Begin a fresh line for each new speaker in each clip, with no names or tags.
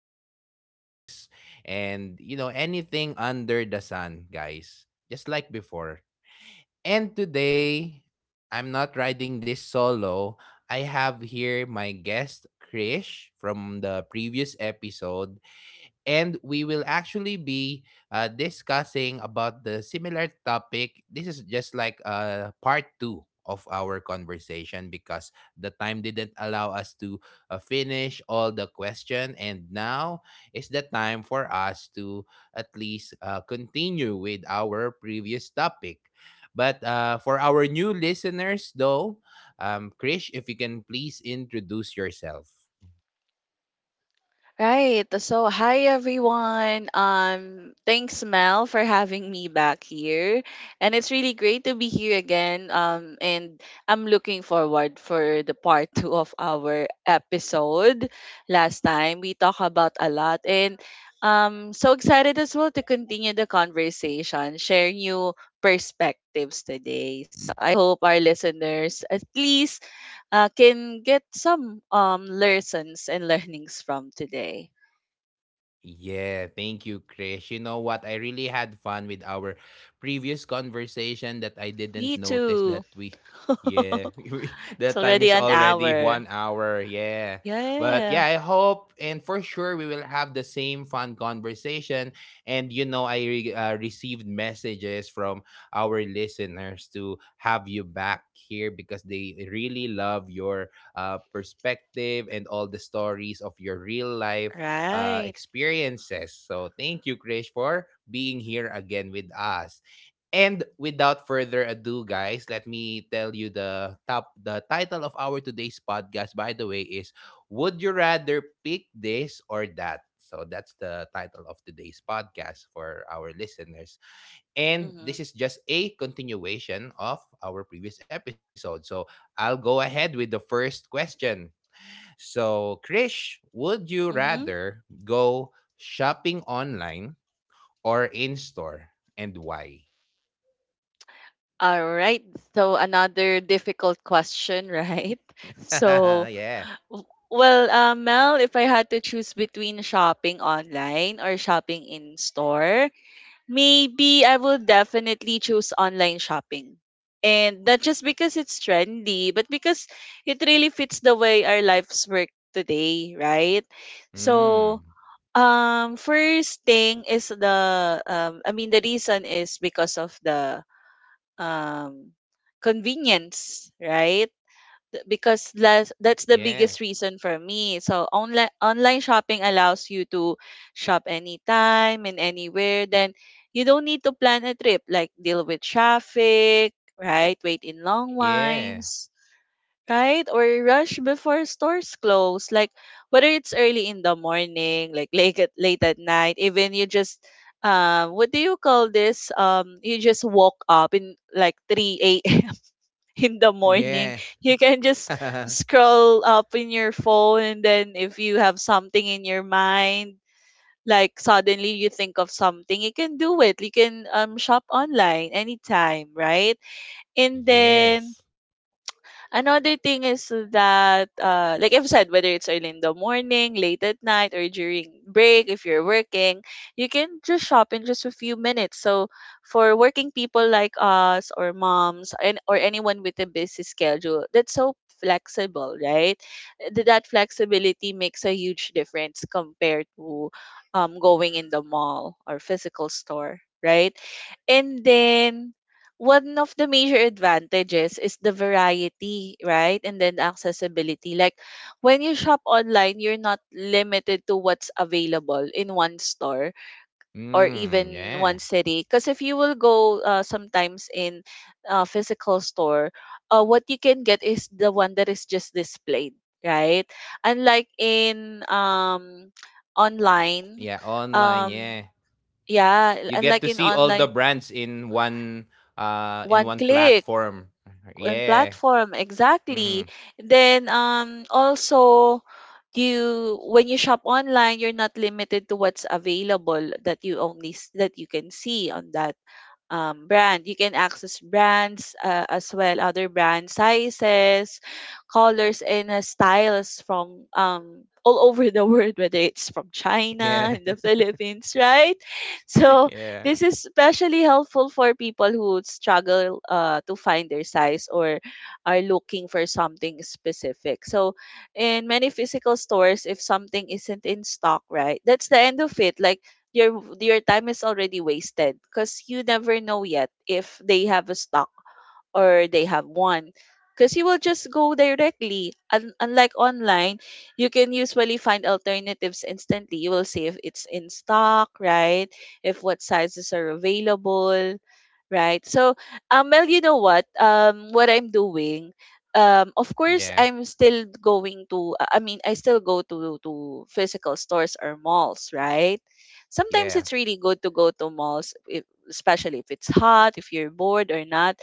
randoms, things, and, you know, anything under the sun, guys. Just like before. And today, I'm not riding this solo. I have here my guest, Krish, from the previous episode. And we will actually be discussing about the similar topic. This is just like part two of our conversation because the time didn't allow us to finish all the question, and now is the time for us to at least continue with our previous topic. But for our new listeners though, Krish, if you can please introduce yourself.
Right. So, hi everyone. Thanks Mel for having me back here, and it's really great to be here again. And I'm looking forward for the part two of our episode. Last time we talked about a lot, and so excited as well to continue the conversation, share new perspectives today. So I hope our listeners at least can get some lessons and learnings from today.
Yeah, thank you, Krish. You know what? I really had fun with our previous conversation that I didn't
Me
notice
too.
that we yeah,
It's
that time
already
is
an
already
hour.
1 hour. Yeah. But yeah,
Yeah.
I hope and for sure we will have the same fun conversation. And you know, I received messages from our listeners to have you back here because they really love your perspective and all the stories of your real life
Right.
experiences. So thank you, Krish, for being here again with us. And without further ado, guys, let me tell you the top the title of our today's podcast, by the way, is Would You Rather Pick This or That? So that's the title of today's podcast for our listeners. And
Mm-hmm.
this is just a continuation of our previous episode. So I'll go ahead with the first question. So, Krish, would you
Mm-hmm.
rather go shopping online or in store, and why?
All right. So another difficult question, right? So,
Yeah.
well, Mel, if I had to choose between shopping online or shopping in store, maybe I will definitely choose online shopping. And not just because it's trendy, but because it really fits the way our lives work today, right? So,
Mm.
First thing is the I mean the reason is because of the um convenience, right? Because that's the biggest
Yeah.
reason for me. So online shopping allows you to shop anytime and anywhere. Then you don't need to plan a trip, like deal with traffic, right? Wait in long
Yeah.
lines, right? Or rush before stores close. Like whether it's early in the morning, like late at night, even you just what do you call this? You just woke up in like 3 a.m. in the
Yeah.
morning. You can just scroll up in your phone, and then if you have something in your mind, like suddenly you think of something, you can do it, you can shop online anytime, right? And then
Yes.
another thing is that, like I've said, whether it's early in the morning, late at night, or during break, if you're working, you can just shop in just a few minutes. So for working people like us, or moms, and or anyone with a busy schedule, that's so flexible, right? That flexibility makes a huge difference compared to going in the mall or physical store, right? And then one of the major advantages is the variety, right? And then accessibility. Like when you shop online, you're not limited to what's available in one store or
Mm,
even one
yeah.
city. Because if you will go, sometimes in a physical store, what you can get is the one that is just displayed, right? Unlike in online,
Yeah, online,
um,
yeah.
yeah,
You get
unlike
to
in
see all the
online,
brands in
one
one
click
platform.
and
Yeah.
platform, exactly.
Mm-hmm.
Then also, you when you shop online, you're not limited to what's available, that you only that you can see on that brand. You can access brands as well, other brand sizes, colors, and styles from all over the world, whether it's from China
Yeah.
and the Philippines, right? So
Yeah.
this is especially helpful for people who struggle to find their size or are looking for something specific. So in many physical stores, if something isn't in stock, right, that's the end of it. Like your time is already wasted, because you never know yet if they have a stock or they have one, because you will just go directly. Unlike online, you can usually find alternatives instantly, you will see if it's in stock, right, if what sizes are available. Right. So, well, you know what? What I'm doing, of course,
Yeah.
I'm still going to. I mean, I still go to physical stores or malls, right? Sometimes it's
Yeah.
really good to go to malls, if, especially if it's hot, if you're bored or not,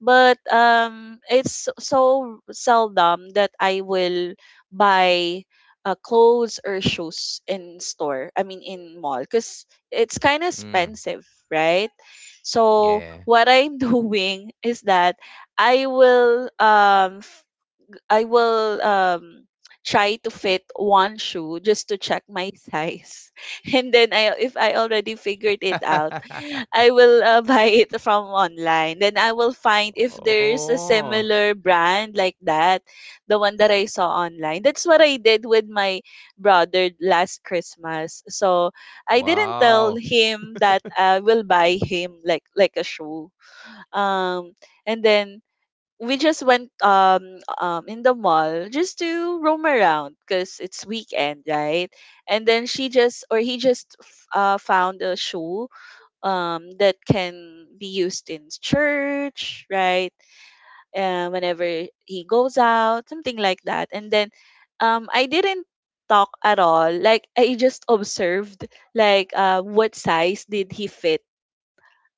but it's so seldom that I will buy clothes or shoes in store. I mean, in mall, because it's kind of
Mm,
expensive, right? So
yeah.
what I'm doing is that I will um I will try to fit one shoe just to check my size. And then I, if I already figured it out, I will buy it from online. Then I will find if there's a
Oh,
similar brand like that, the one that I saw online. That's what I did with my brother last Christmas. So I didn't tell
wow.
him that I will buy him like a shoe. Um and then we just went in the mall just to roam around because it's weekend, right? And then she just, or he just found a shoe that can be used in church, right? Whenever he goes out, something like that. And then I didn't talk at all. Like I just observed like what size did he fit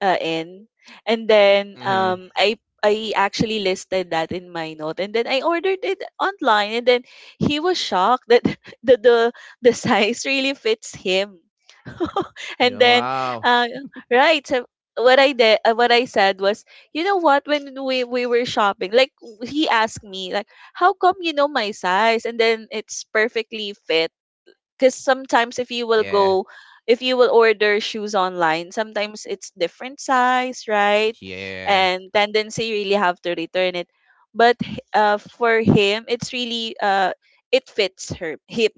in. And then
Mhm.
I actually listed that in my note, and then I ordered it online, and then he was shocked that the the, the size really fits him. And
Yeah,
then
wow.
uh, right, so what I did, what I said was, you know what, when we were shopping, like he asked me like, how come you know my size, and then it's perfectly fit? Because sometimes if you will
Yeah.
go, if you will order shoes online, sometimes it's different size, right?
Yeah.
And tendency you really have to return it. But for him it's really it fits her him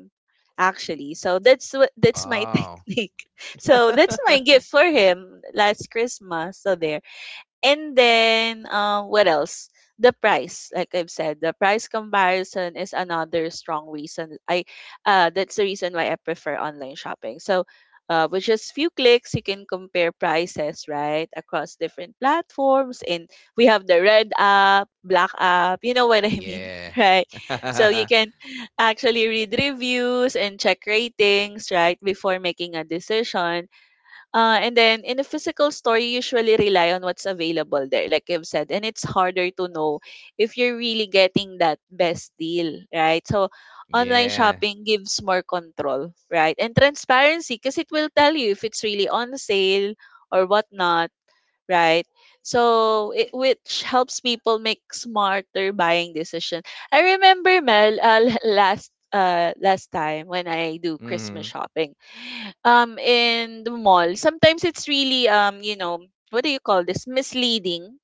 actually, so that's what, that's my
Wow.
technique. So that's my gift for him last Christmas, so there. And then, what else? The price, like I've said, the price comparison is another strong reason. I, that's the reason why I prefer online shopping. So, with just few clicks, you can compare prices right across different platforms. And we have the red app, black app. You know what I mean,
Yeah.
right? So you can actually read reviews and check ratings right before making a decision, and then in a physical store, you usually rely on what's available there, like I've said, and it's harder to know if you're really getting that best deal, right? So online
Yeah.
shopping gives more control, right? And transparency, because it will tell you if it's really on sale or whatnot, right? So it which helps people make smarter buying decision. I remember Mel, last time when I do Christmas
Mhm.
shopping, in the mall. Sometimes it's really you know what do you call this, misleading.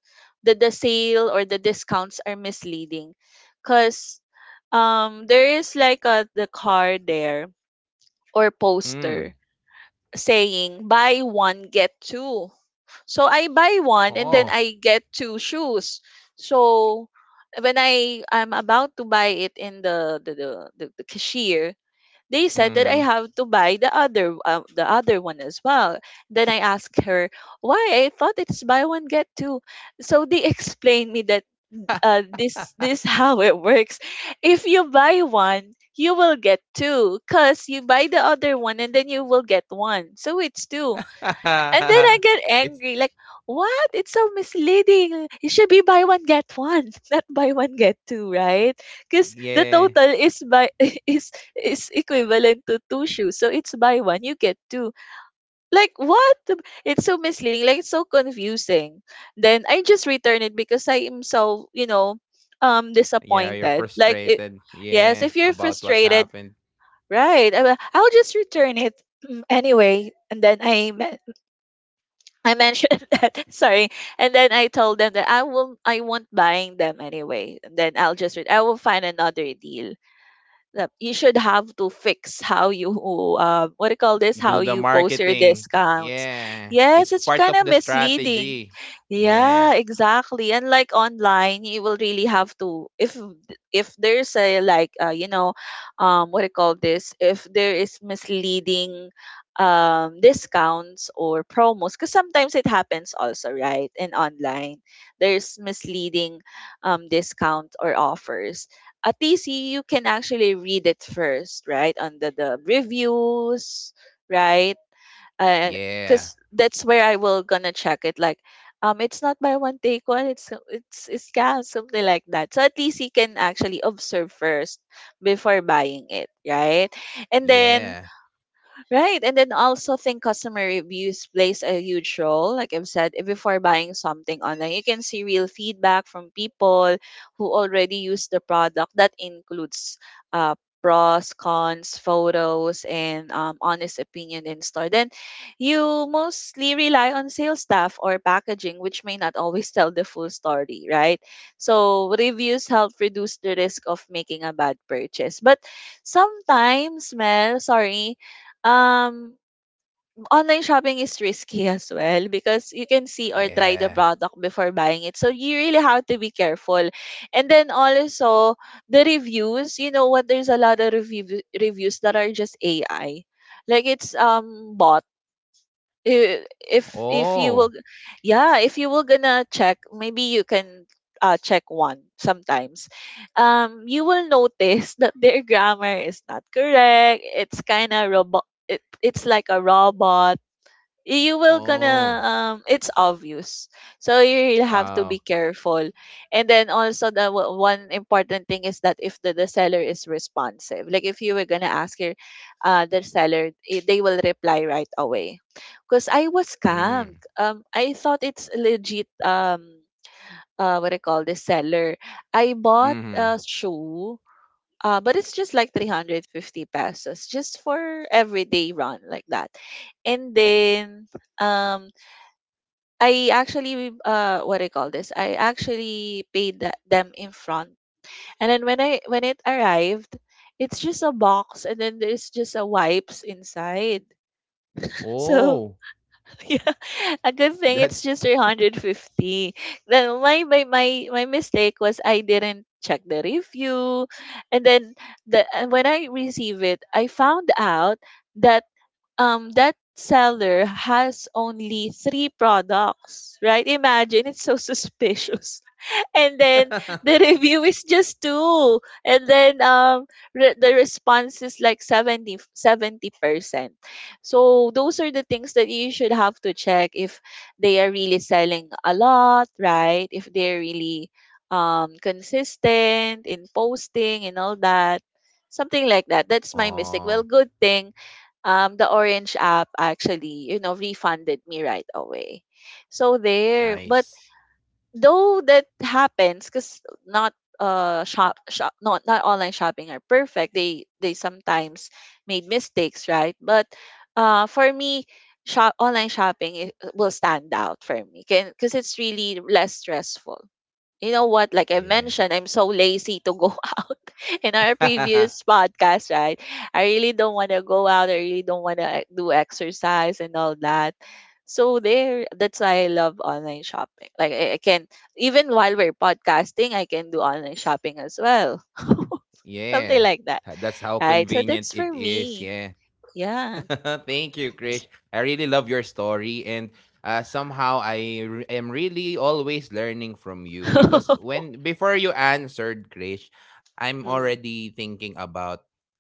That the sale or the discounts are misleading, cause there is like a the card there or poster
Mm.
saying buy one get two, so I buy one and then
Oh.
I get two shoes. So when I'm about to buy it in the cashier, they said that I
Mhm.
have to buy the other one as well. Then I asked her why, I thought it's buy one get two. So they explained me that this how it works. If you buy one, you will get two, cause you buy the other one and then you will get one. So it's two. And then I get
It's
angry, like, what? It's so misleading. It should be buy one get one, not buy one get two, right? Because the
yeah.
total is by is equivalent to two shoes, so it's buy one you get two. Like what? It's so misleading. Like it's so confusing. Then I just return it because I am so, you know,
Yeah, you're
disappointed. Like it,
frustrated.
yes.
Yeah,
If you're
about what
frustrated,
happened.
right? I'll just return it anyway. And then I mentioned sorry, and then I told them that I won't buying them anyway, and then I'll just read I will find another deal, that you should have to fix how you what do you call this, how
Do the
you post your
marketing.
discounts.
Yeah.
Yes,
It's
it's
part
kind
of
of
the
misleading.
strategy. Yeah.
Yeah, exactly. And like online, you will really have to, if there's a like you know what do you call this, if there is misleading discounts or promos, because sometimes it happens also right in online, there's misleading discount or offers, at least you can actually read it first, right? Under the reviews, right?
Yeah.
Because that's where I will gonna check it. Like, it's not by one take one. It's it's scam, something like that. So at least you can actually observe first before buying it, right? And then
Yeah.
right. And then also think customer reviews plays a huge role. Like I've said, before buying something online, you can see real feedback from people who already use the product. That includes uh, pros, cons, photos, and honest opinion in store. Then you mostly rely on sales staff or packaging, which may not always tell the full story, right? So reviews help reduce the risk of making a bad purchase. But sometimes, Mel, sorry, um, online shopping is risky as well because you can see or try the
Yeah.
product before buying it. So you really have to be careful. And then also the reviews, you know what, there's a lot of reviews that are just AI. Like it's bot if you
Oh.
will, yeah, if you will gonna check maybe you can check one sometimes you will notice that their grammar is not correct. It's kind of robot. It's like a robot. You will
Oh.
gonna it's obvious. So you really have to
Wow.
be careful. And then also one important thing is that if the seller is responsive, like if you were gonna ask your the seller, they will reply right away. Because I was
Mm.
scammed. I thought it's legit. What I call the seller, I bought
Mhm.
a shoe, but it's just like 350 pesos, just for everyday run like that. And then um I actually what I call this, I actually paid them in front. And then when I when it arrived, it's just a box and then there's just a wipes inside. So
Oh.
yeah, a good thing it's
That's
just 350. Then my mistake was I didn't check the review. And then the when I receive it, I found out that that seller has only three products. Right? Imagine, it's so suspicious. And then the review is just two. And then the response is like 70 70%. So those are the things that you should have to check: if they are really selling a lot, right? If they're really consistent in posting and all that. Something like that. That's my mistake.
Oh,
Well, good thing the orange app actually, you know, refunded me right away. So there. But
nice.
though that happens because not shop not online shopping are perfect. They sometimes made mistakes, right? But for me, shop online shopping, it will stand out for me because it's really less stressful. You know what, like I
Yeah.
mentioned, I'm so lazy to go out in our previous podcast, right? I really don't want to go out. I really don't want to do exercise and all that. So there, that's why I love online shopping. Like I can even while we're podcasting, I can do online shopping as well.
Yeah.
Something
Tha-
like
That's
that.
how
Right,
convenient
so
it
that's for
is, yeah.
me. Yeah.
Thank you, Krish. I really love your story, and somehow I am really always learning from you because when before you answered, Krish, I'm
Mm,
already thinking about,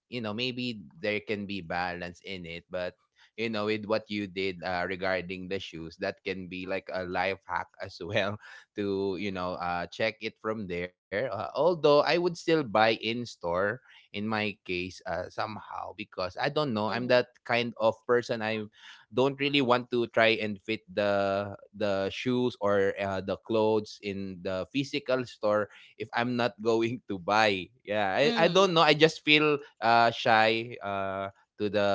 you know, maybe there can be balance in it, but you know, with what you did regarding the shoes, that can be like a life hack as well to you know
mm,
check it from there. Although I would still buy in store in my case, somehow because I don't know, I'm that
mm,
kind of person. I don't really want to try and fit the shoes or the clothes in the physical store if I'm not going to buy. Yeah, I don't
mm,
know, I just feel shy to the,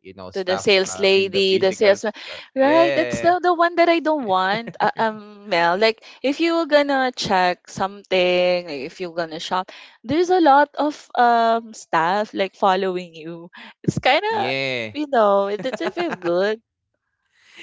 you know,
to the
stuff
sales
in the
lady, the
physical
salesman.
store.
Right, that's
Yeah.
the one that I don't want. Mel, like if you are gonna check something, like if you're gonna shop, there's a lot of staff like following you. It's kind of,
Yeah.
you know, it doesn't feel good.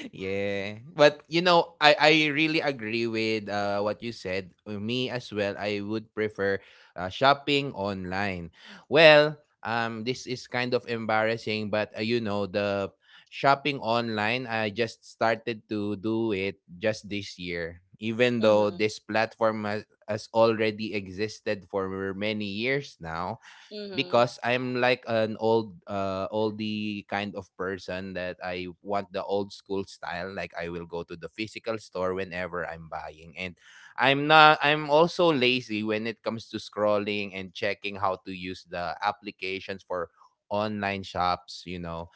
Yeah. But you know, I really agree with what you said. Me as well. I would prefer shopping online. Well, this is kind of embarrassing, but you know, the shopping online, I just started to do it just this year. Even though
Mhm.
this platform has already existed for many years now,
Mhm.
because I'm like an old oldie kind of person that I want the old school style. Like I will go to the physical store whenever I'm buying, and I'm not I'm also lazy when it comes to scrolling and checking how to use the applications for online shops, you know.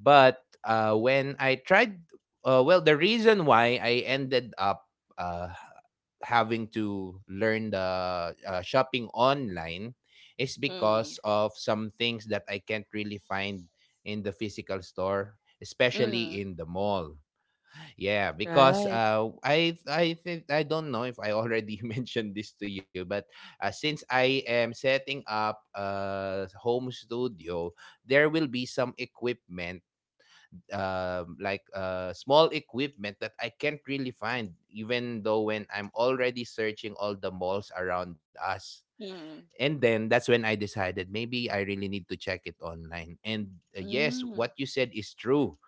But when I tried, well, the reason why I ended up uh, having to learn the shopping online is
Mhm.
because of some things that I can't really find in the physical store, especially
Mhm.
in the mall. Yeah, because
Right.
I think I don't know if I already mentioned this to you, but since I am setting up a home studio, there will be some equipment, like small equipment that I can't really find, even though when I'm already searching all the malls around us.
Mhm.
And then that's when I decided maybe I really need to check it online. And yes,
Mm.
what you said is true.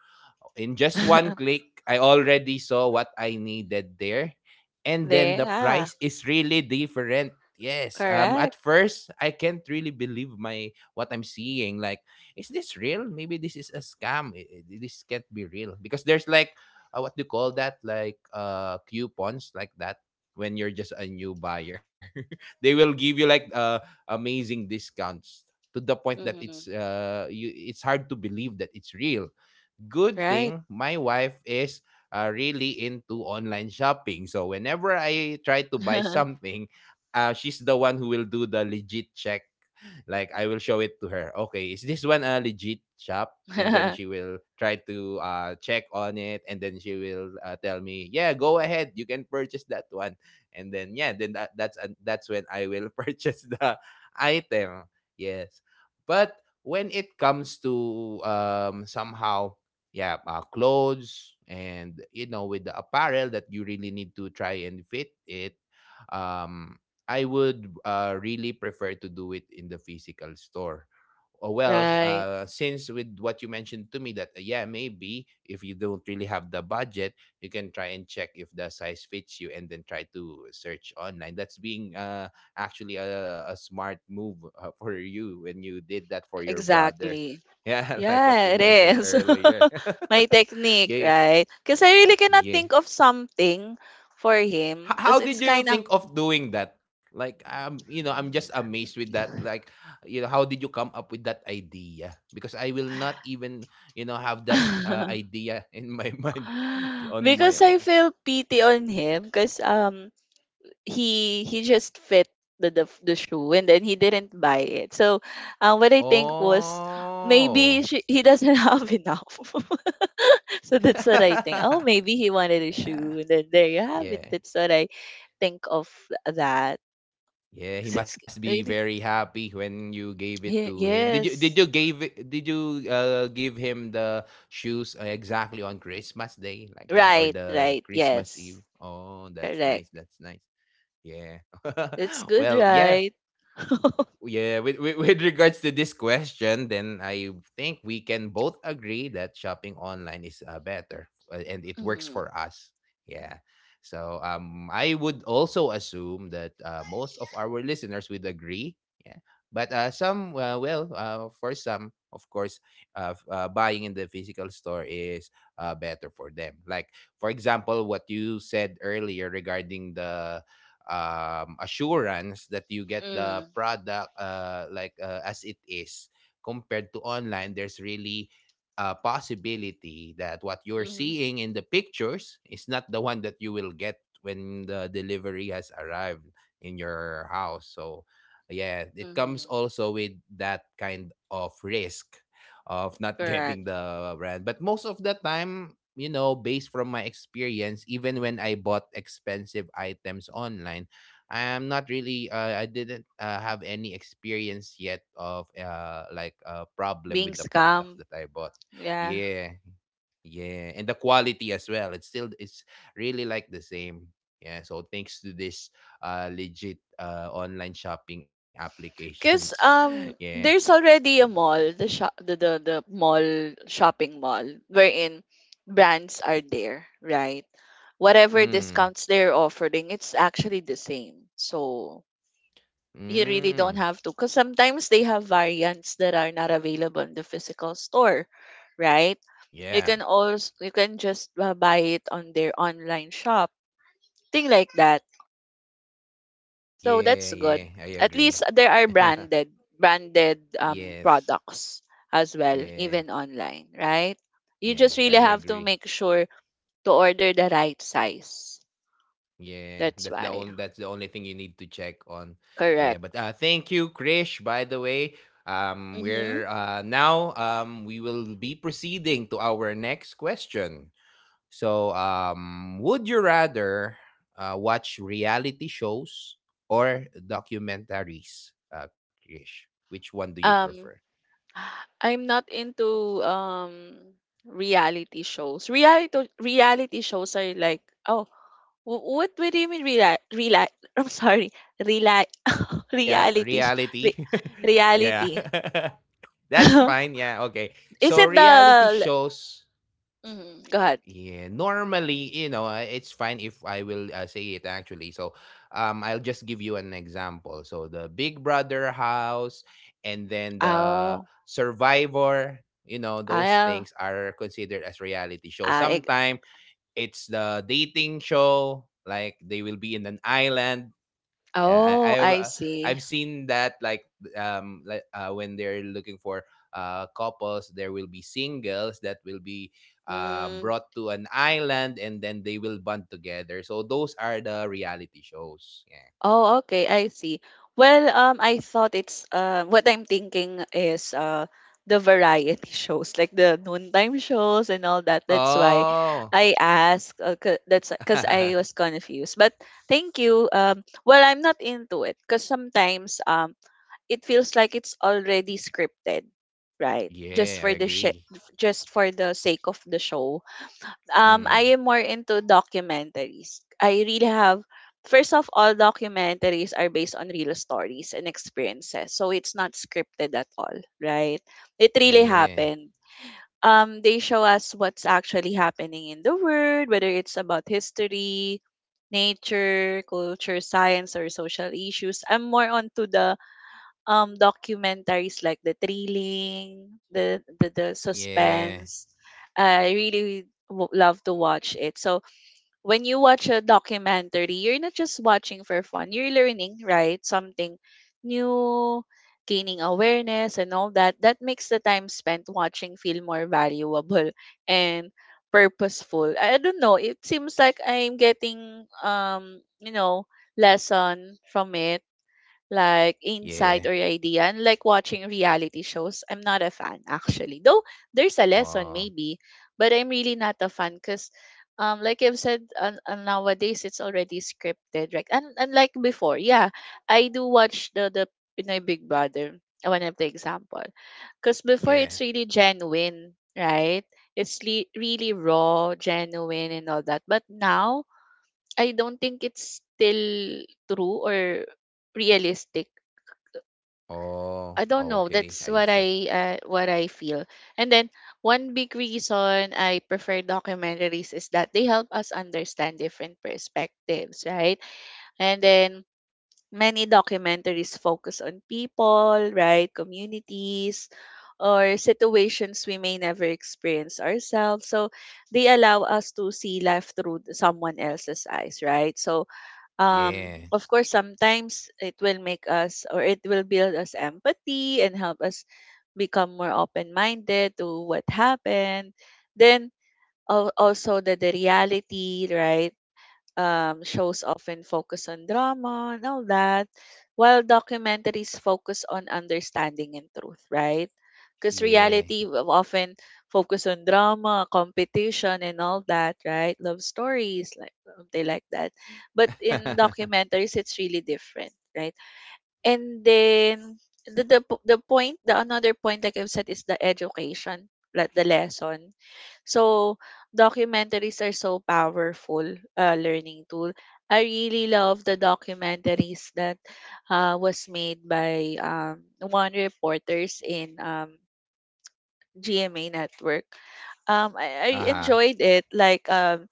In just one click, I already saw what I needed there. And then
There.
the
Yeah.
price is really different. Yes.
Correct.
At first I can't really believe my what I'm seeing. Like, is this real? Maybe this is a scam. This can't be real. Because there's like what do you call that? Like coupons like that when you're just a new buyer. They will give you like amazing discounts to the point that it's
Mhm.
you it's hard to believe that it's real. Good
Right.
thing my wife is really into online shopping. So whenever I try to buy something, she's the one who will do the legit check. Like I will show it to her. Okay, is this one a legit shop? And then she will try to check on it, and then she will tell me, "Yeah, go ahead, you can purchase that one." And then yeah, then that's when I will purchase the item. Yes, but when it comes to somehow yeah clothes and you know with the apparel that you really need to try and fit it, um I would really prefer to do it in the physical store. Oh, well,
Right.
since with what you mentioned to me that yeah, maybe if you don't really have the budget, you can try and check if the size fits you, and then try to search online. That's being actually a smart move for you when you did that for your brother.
Exactly.
Yeah, like what
Yeah,
you
it
mentioned
is.
earlier.
My technique,
Yeah,
right? Because I really cannot
yeah.
think of something for him.
H- how
Because
did
it's
you
kind of.
think of doing that? Like you know, I'm just amazed with that. Like you know, how did you come up with that idea? Because I will not even, you know, have that idea in my mind on my
Because I
own.
feel pity on him. Because he just fit the shoe and then he didn't buy it. So what I think was, maybe
Oh.
he doesn't have enough. So that's what I think. Oh, maybe he wanted a shoe. And
Yeah.
then there you have it.
Yeah.
That's what I think of that. 'Cause
Yeah,
it's
he must be
really,
very happy when you gave it to him. Did you
Yes.
give him the shoes exactly on Christmas Day like that
Right,
or
right.
the Christmas
Yes.
Eve? Oh, that's
Correct.
nice. That's nice. Yeah.
That's good,
Well,
right?
yeah, yeah, with with regards to this question, then I think we can both agree that shopping online is better, and it works
Mm-hmm.
for us. Yeah. So I would also assume that most of our listeners would agree. Yeah. But some for some of course, buying in the physical store is better for them. Like for example, what you said earlier regarding the assurance that you get
Mm-hmm.
the product, like as it is. Compared to online, there's really a possibility that what you're
Mm-hmm.
seeing in the pictures is not the one that you will get when the delivery has arrived in your house. So yeah, it comes
Mm-hmm.
also with that kind of risk of not getting
Correct.
the brand. But most of the time, you know, based from my experience, even when I bought expensive items online, I am not really, I didn't have any experience yet of like a problem
Being
with the products
scammed.
that I bought.
Yeah.
Yeah, yeah. And the quality as well. It's really like the same. Yeah, so thanks to this legit online shopping applications.
Cause
Yeah.
there's already a mall, the mall, shopping mall, wherein brands are there, right? Whatever
Mm.
discounts they're offering, it's actually the same. So
Mm.
you really
Mm.
don't have to. Because sometimes they have variants that are not available in the physical store, right? You
Yeah.
can also, you can just buy it on their online shop, thing like that. So
Yeah,
that's
yeah.
good,
I
at
agree.
least there are branded,
Yes.
products as well,
Yeah.
even online, right? You
Yeah,
just really
I
have to
agree.
make sure to order the right size.
Yeah,
That's why.
that's the only thing you need to check on. Yeah,
Correct.
but thank you, Krish, by the way.
Mm-hmm.
We will be proceeding to our next question. So, would you rather watch reality shows or documentaries? Krish, which one do you prefer?
Um, I'm not into reality shows. Reality shows are like, oh, what do you mean, real I'm sorry, real
Rea-
reality sh-
reality.
re,
Yeah.
reality.
That's fine. Yeah. Okay. So
Is it the
reality
l-
shows.
mm, go ahead.
Yeah. Normally, you know, it's fine if I will say it actually. So, I'll just give you an example. So the Big Brother house, and then the
Oh,
Survivor. You know,
I
those
uh,
things are considered as reality show.
I,
Sometimes it's the dating show. Like they will be in an island. Yeah,
oh, I see.
I've seen that. Like like when they're looking for couples, there will be singles that will be
Mm.
brought to an island and then they will bond together. So those are the reality shows. Yeah.
Oh, okay, I see. Well, I thought it's what I'm thinking is the variety shows, like the noontime shows and all that. That's why
Oh.
I asked. 'Cause that's because I was confused. But thank you. Well, I'm not into it because sometimes it feels like it's already scripted, right? Just
Yeah, I
for the
agree.
just for the sake of the show.
Mm.
I am more into documentaries. I really have, first of all, documentaries are based on real stories and experiences. So it's not scripted at all, right? It really
Yeah.
happened. They show us what's actually happening in the world, whether it's about history, nature, culture, science, or social issues. I'm more onto the documentaries like the thrilling, the
Yeah.
suspense. I really love to watch it. So when you watch a documentary, you're not just watching for fun. You're learning, right? Something new, gaining awareness and all that. That makes the time spent watching feel more valuable and purposeful. I don't know. It seems like I'm getting you know, lesson from it, like
Yeah.
insight or idea. And like watching reality shows, I'm not a fan actually. Though there's a lesson
Oh.
maybe, but I'm really not a fan because like I've said, nowadays it's already scripted, right? And like before, yeah, I do watch the Pinoy Big Brother. One of the example, because before
Yeah.
it's really genuine, right? Really raw, genuine, and all that. But now I don't think it's still true or realistic.
Oh.
I don't know.
Okay. I
That's
see.
what I feel. And then one big reason I prefer documentaries is that they help us understand different perspectives, right? And then many documentaries focus on people, right? Communities or situations we may never experience ourselves. So they allow us to see life through someone else's eyes, right? So
Yeah.
of course sometimes it will make us, or it will build us empathy and help us become more open minded to what happened. Then also the reality, right? Shows often focus on drama and all that, while documentaries focus on understanding and truth, right? Because
Yeah.
reality will often focus on drama, competition, and all that, right? Love stories, like something like that. But in documentaries, it's really different, right? And then the point, the another point, like I've said, is the education, like the lesson. So documentaries are so powerful learning tool. I really love the documentaries that was made by one reporters in GMA network. I
Uh-huh.
enjoyed it. Like um,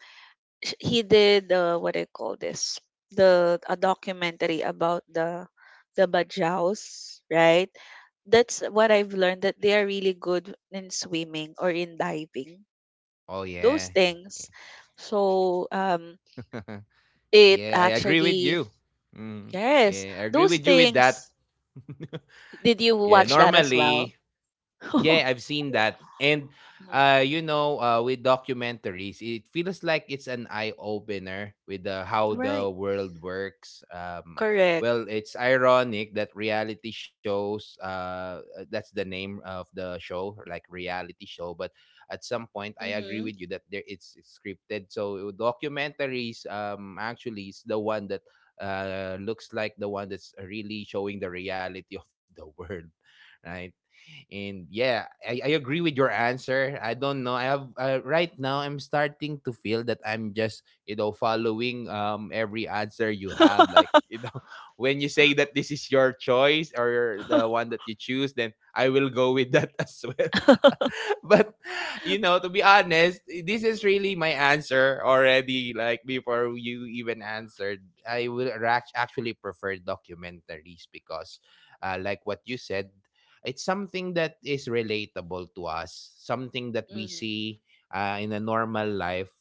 sh- he did what I call this the a documentary about the Bajaus, right? That's what I've learned, that they are really good in swimming or in diving,
Oh
those
yeah.
things. So it
Yeah, I agree with
actually,
you. Mm,
yes,
yeah, I agree
those
with you with that.
things. Did you
Yeah,
watch that as
normally.
well?
Yeah, I've seen that. And
Mm.
with documentaries, it feels like it's an eye opener with how
Right.
the world works.
Correct.
Well, it's ironic that reality shows, that's the name of the show, like reality show. But at some point, I agree
Mm-hmm.
with you that it's scripted. So documentaries, actually, is the one that looks like the one that's really showing the reality of the world, right. And yeah, I agree with your answer. I don't know. I have right now, I'm starting to feel that I'm just following every answer you have. Like, when you say that this is your choice or the one that you choose, then I will go with that as well. But you know, to be honest, this is really my answer already. Like before you even answered, I would actually prefer documentaries because, like what you said, it's something that is relatable to us, something that we
Mm-hmm.
see in a normal life.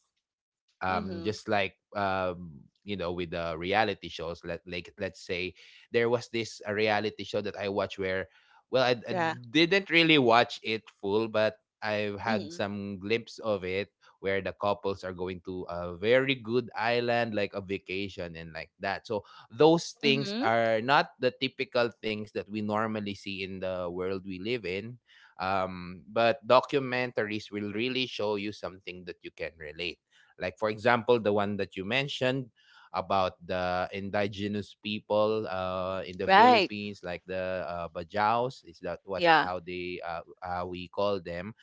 Mm-hmm.
Just like with the reality shows, let's say there was this a reality show that I watched where, well, I
Yeah.
didn't really watch it full, but I've had
Mm-hmm.
some glimpse of it, where the couples are going to a very good island like a vacation and like that. So those things
Mm-hmm.
are not the typical things that we normally see in the world we live in. But documentaries will really show you something that you can relate. Like, for example, the one that you mentioned about the indigenous people in the
Right.
Philippines, like the Bajaus. Is that what,
Yeah.
how they, how we call them?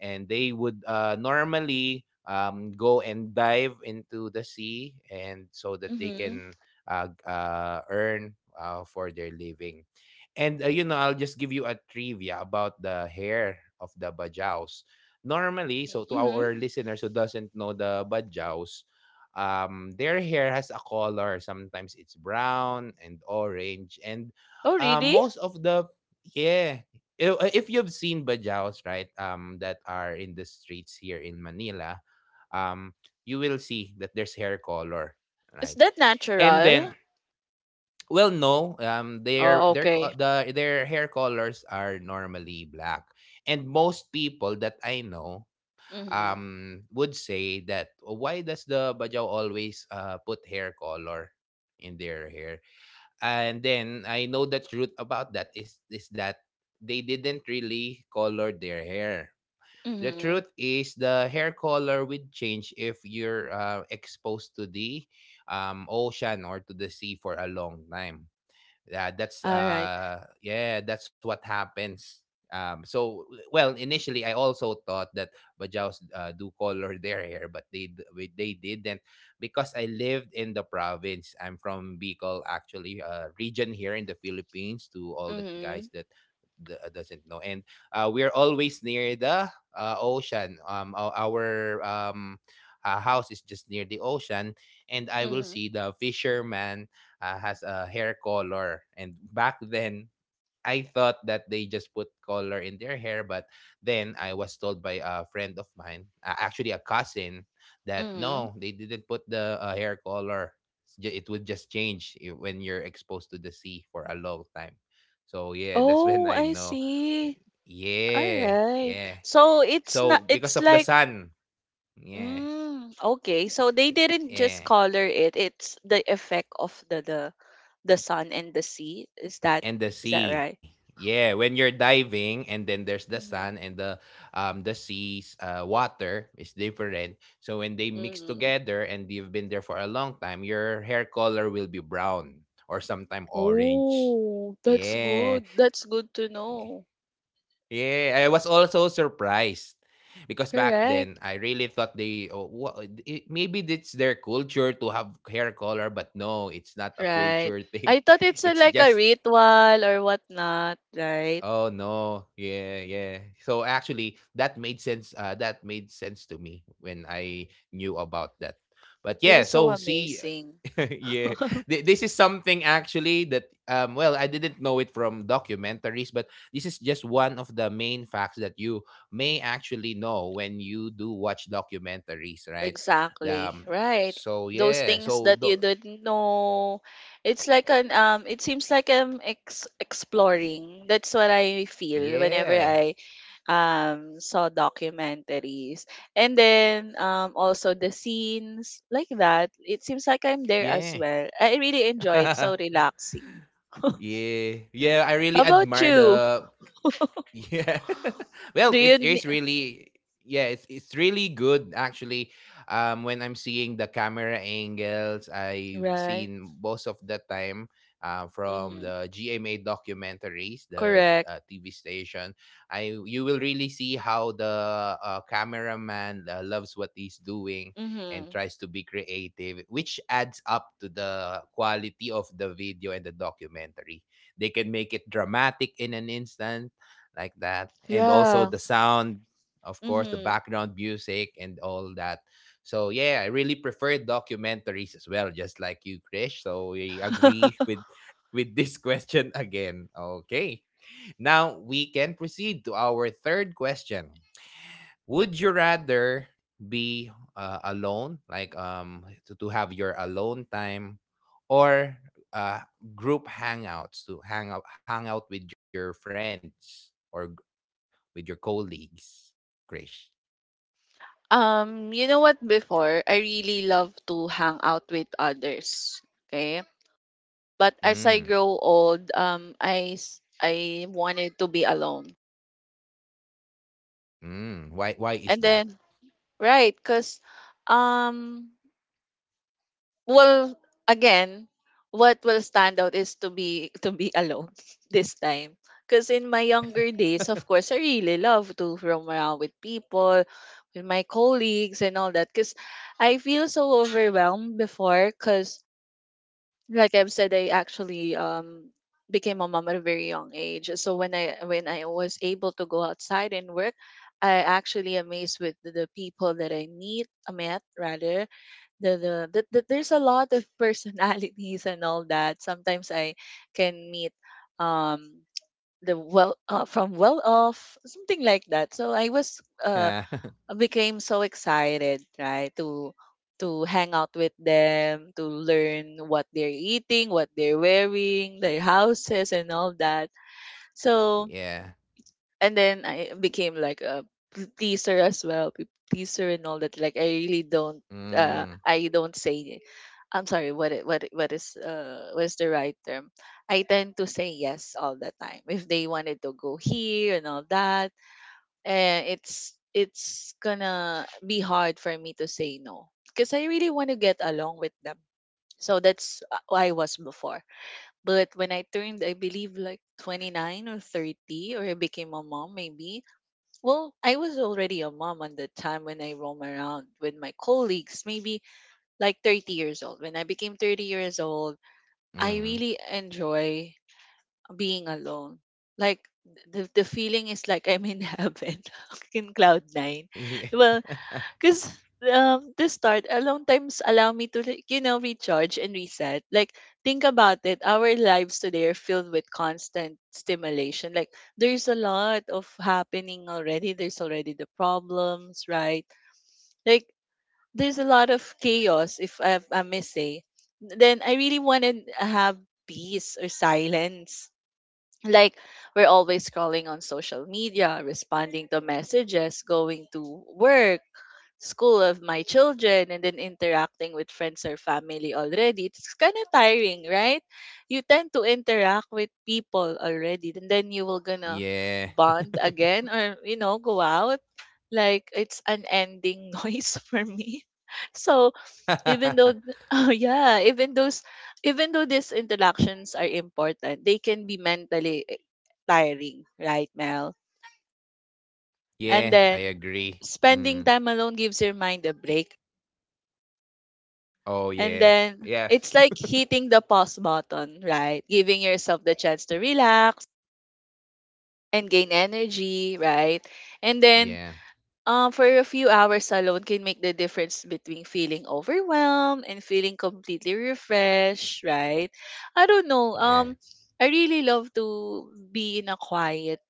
And they would normally go and dive into the sea, and so that they
Mm-hmm.
can earn for their living. And I'll just give you a trivia about the hair of the Bajaus. Normally, so to
Mm-hmm.
our listeners who doesn't know the badjaus, their hair has a color. Sometimes it's brown and orange, and
Oh, really?
most of the, yeah. If you've seen badjaus, right, that are in the streets here in Manila, um, you will see that there's hair color,
Is
right?
that
And then,
natural?
well, no, their
Oh, okay.
their hair colors are normally black, and most people that I know
Mm-hmm.
would say that, "Oh, why does the Bajau always put hair color in their hair?" And then I know the truth about that is that they didn't really color their hair. The
Mm-hmm.
truth is the hair color would change if you're exposed to the ocean or to the sea for a long time.
All right.
Yeah, that's what happens. So well, initially I also thought that Bajaus do color their hair, but they didn't, because I lived in the province. I'm from Bicol, actually, a region here in the Philippines, to all the guys
Mm-hmm.
that doesn't know. And we're always near the ocean. Our house is just near the ocean, and I will
Mm-hmm.
see the fisherman has a hair color. And back then, I thought that they just put color in their hair, but then I was told by a friend of mine, actually a cousin, that
Mm-hmm.
no, they didn't put the hair color. It would just change when you're exposed to the sea for a long time. So yeah, that's
Oh,
when
I
I know.
see. All
Yeah,
right.
yeah.
So it's not,
So
it's
because of
like,
the sun, yeah,
mm, okay. So they didn't just
yeah.
color it. It's the effect of the the sun and the sea. Is that,
And
is
the
that right?
sea. Yeah, when you're diving and then there's the
Mm-hmm.
sun and the sea's water is different. So when they mix
Mm-hmm.
together and you've been there for a long time, your hair color will be brown or sometime orange.
Oh, that's
Yeah.
good. That's good to know.
Yeah, I was also surprised because back then
Correct.
I really thought they, oh, maybe it's their culture to have hair color, but no, it's not a
Right.
culture thing.
I thought it's a,
It's
like a
just.
ritual or whatnot, right?
Oh no. Yeah, yeah. So actually that made sense, that made sense to me when I knew about that. But
That is
yeah,
so
so see.
amazing.
Yeah. This is something actually that, well, I didn't know it from documentaries, but this is just one of the main facts that you may actually know when you do watch documentaries, right?
Exactly.
Um
Right.
so
Those
yeah.
things
So
that
the,
you didn't know. It's like an it seems like I'm exploring. That's what I feel whenever
yeah.
I saw documentaries. And then also the scenes like that, it seems like I'm there as
Yeah.
well. I really enjoy it. So relaxing.
Yeah. Yeah, I really
How about
admire
you?
the, yeah. Well,
Do you
it's really, yeah, it's really good, actually. When I'm seeing the camera angles, I've
right?
seen most of the time from
Mhm.
the GMA documentaries, the
Correct.
TV station, I you will really see how the cameraman loves what he's doing and
Mhm.
tries to be creative, which adds up to the quality of the video and the documentary. They can make it dramatic in an instant, like that. And also
Yeah.
the sound, of course, the
Mhm.
background music and all that. So yeah, I really prefer documentaries as well, just like you, Krish. So we agree with this question again. Okay. Now we can proceed to our third question. Would you rather be alone, like to have your alone time, or uh group hangouts, to hang out with your friends or with your colleagues, Krish?
You know what? Before, I really love to hang out with others. Okay, but as I
Mm,
grow old, I wanted to be alone.
mm. Why is
And
that?
then, right? Cause, um, well, again, what will stand out is to be to be alone this time. Cause in my younger days, of course, I really love to roam around with people, with my colleagues and all that. Cause I feel so overwhelmed before. Cause like I've said, I actually became a mom at a very young age. So when I was able to go outside and work, I actually amazed with the people that I meet, met rather. The there's a lot of personalities and all that. Sometimes I can meet um the well from well off, something like that. So I was
Ah,
became so excited, right? To hang out with them, to learn what they're eating, what they're wearing, their houses and all that. So
yeah.
and then I became like a teaser as well, teaser and all that. Like I really
Mm,
don't say I'm sorry, what is the right term? I tend to say yes all the time. If they wanted to go here and all that, and it's gonna be hard for me to say no because I really want to get along with them. So that's who I was before. But when I turned, I believe like 29 or 30, or I became a mom, maybe. Well, I was already a mom on the time when I roam around with my colleagues, maybe like 30 years old. When I became 30 years old, I
mm.
really enjoy being alone. Like the feeling is like I'm in heaven, in cloud nine. Well, because to start, alone times allow me to, like, you know, recharge and reset. Like think about it, our lives today are filled with constant stimulation. Like there's a lot of happening already. There's already the problems, right? Like there's a lot of chaos, if I may say. Then I really want to have peace or silence. Like we're always scrolling on social media, responding to messages, going to work, school of my children, and then interacting with friends or family. Already it's kind of tiring, right? You tend to interact with people already and then you will gonna
Yeah. Yeah.
bond again or, you know, go out. Like it's an ending noise for me. So even though oh yeah, even though these interactions are important, they can be mentally tiring, right, Mel? And
Yeah, I
then
agree.
spending
Mm.
time alone gives your mind a break,
Oh
and
yeah.
then
Yes.
it's like hitting the pause button, right? Giving yourself the chance to relax and gain energy, right? And then
Yeah.
For a few hours alone can make the difference between feeling overwhelmed and feeling completely refreshed, right? I don't know.
Yeah.
I really love to be in a quiet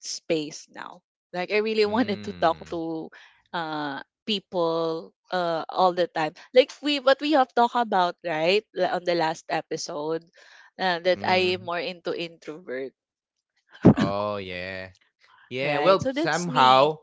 space now. Like I really wanted to talk
Mm.
to people all the time. Like we what we have talked about, right? On the last episode, that I am more
Mm.
into introvert,
Oh yeah. Yeah,
right?
well,
So that's me.
somehow,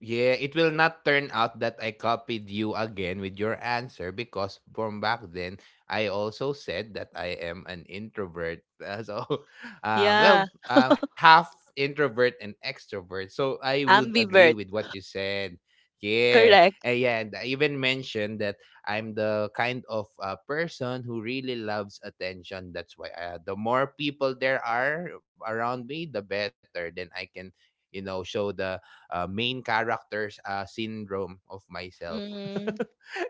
yeah, it will not turn out that I copied you again with your answer, because from back then I also said that I am an introvert. So,
Yeah.
half introvert and extrovert. So I would agree
Ambivert.
with what you said. Yeah,
Correct.
and yeah, and I even mentioned that I'm the kind of person who really loves attention. That's why the more people there are around me, the better. Then I can, you know, show the main characters syndrome of myself.
Mm-hmm.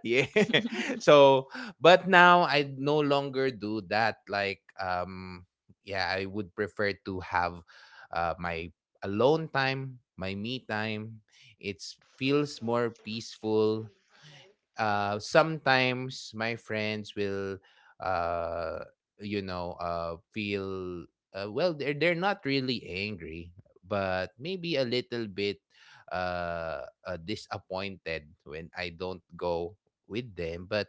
Yeah. So, but now I no longer do that. Like, yeah, I would prefer to have my alone time, my me time. It feels more peaceful. Sometimes my friends will, uh, feel, well, they're not really angry, but maybe a little bit disappointed when I don't go with them. But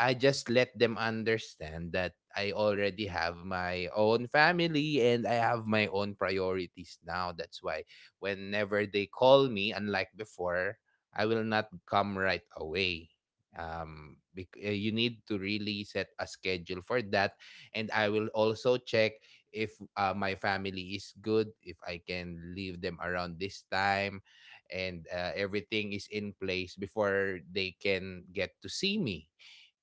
I just let them understand that I already have my own family and I have my own priorities now. That's why whenever they call me, unlike before, I will not come right away. You need to really set a schedule for that, and I will also check if my family is good, if I can leave them around this time, and everything is in place before they can get to see me.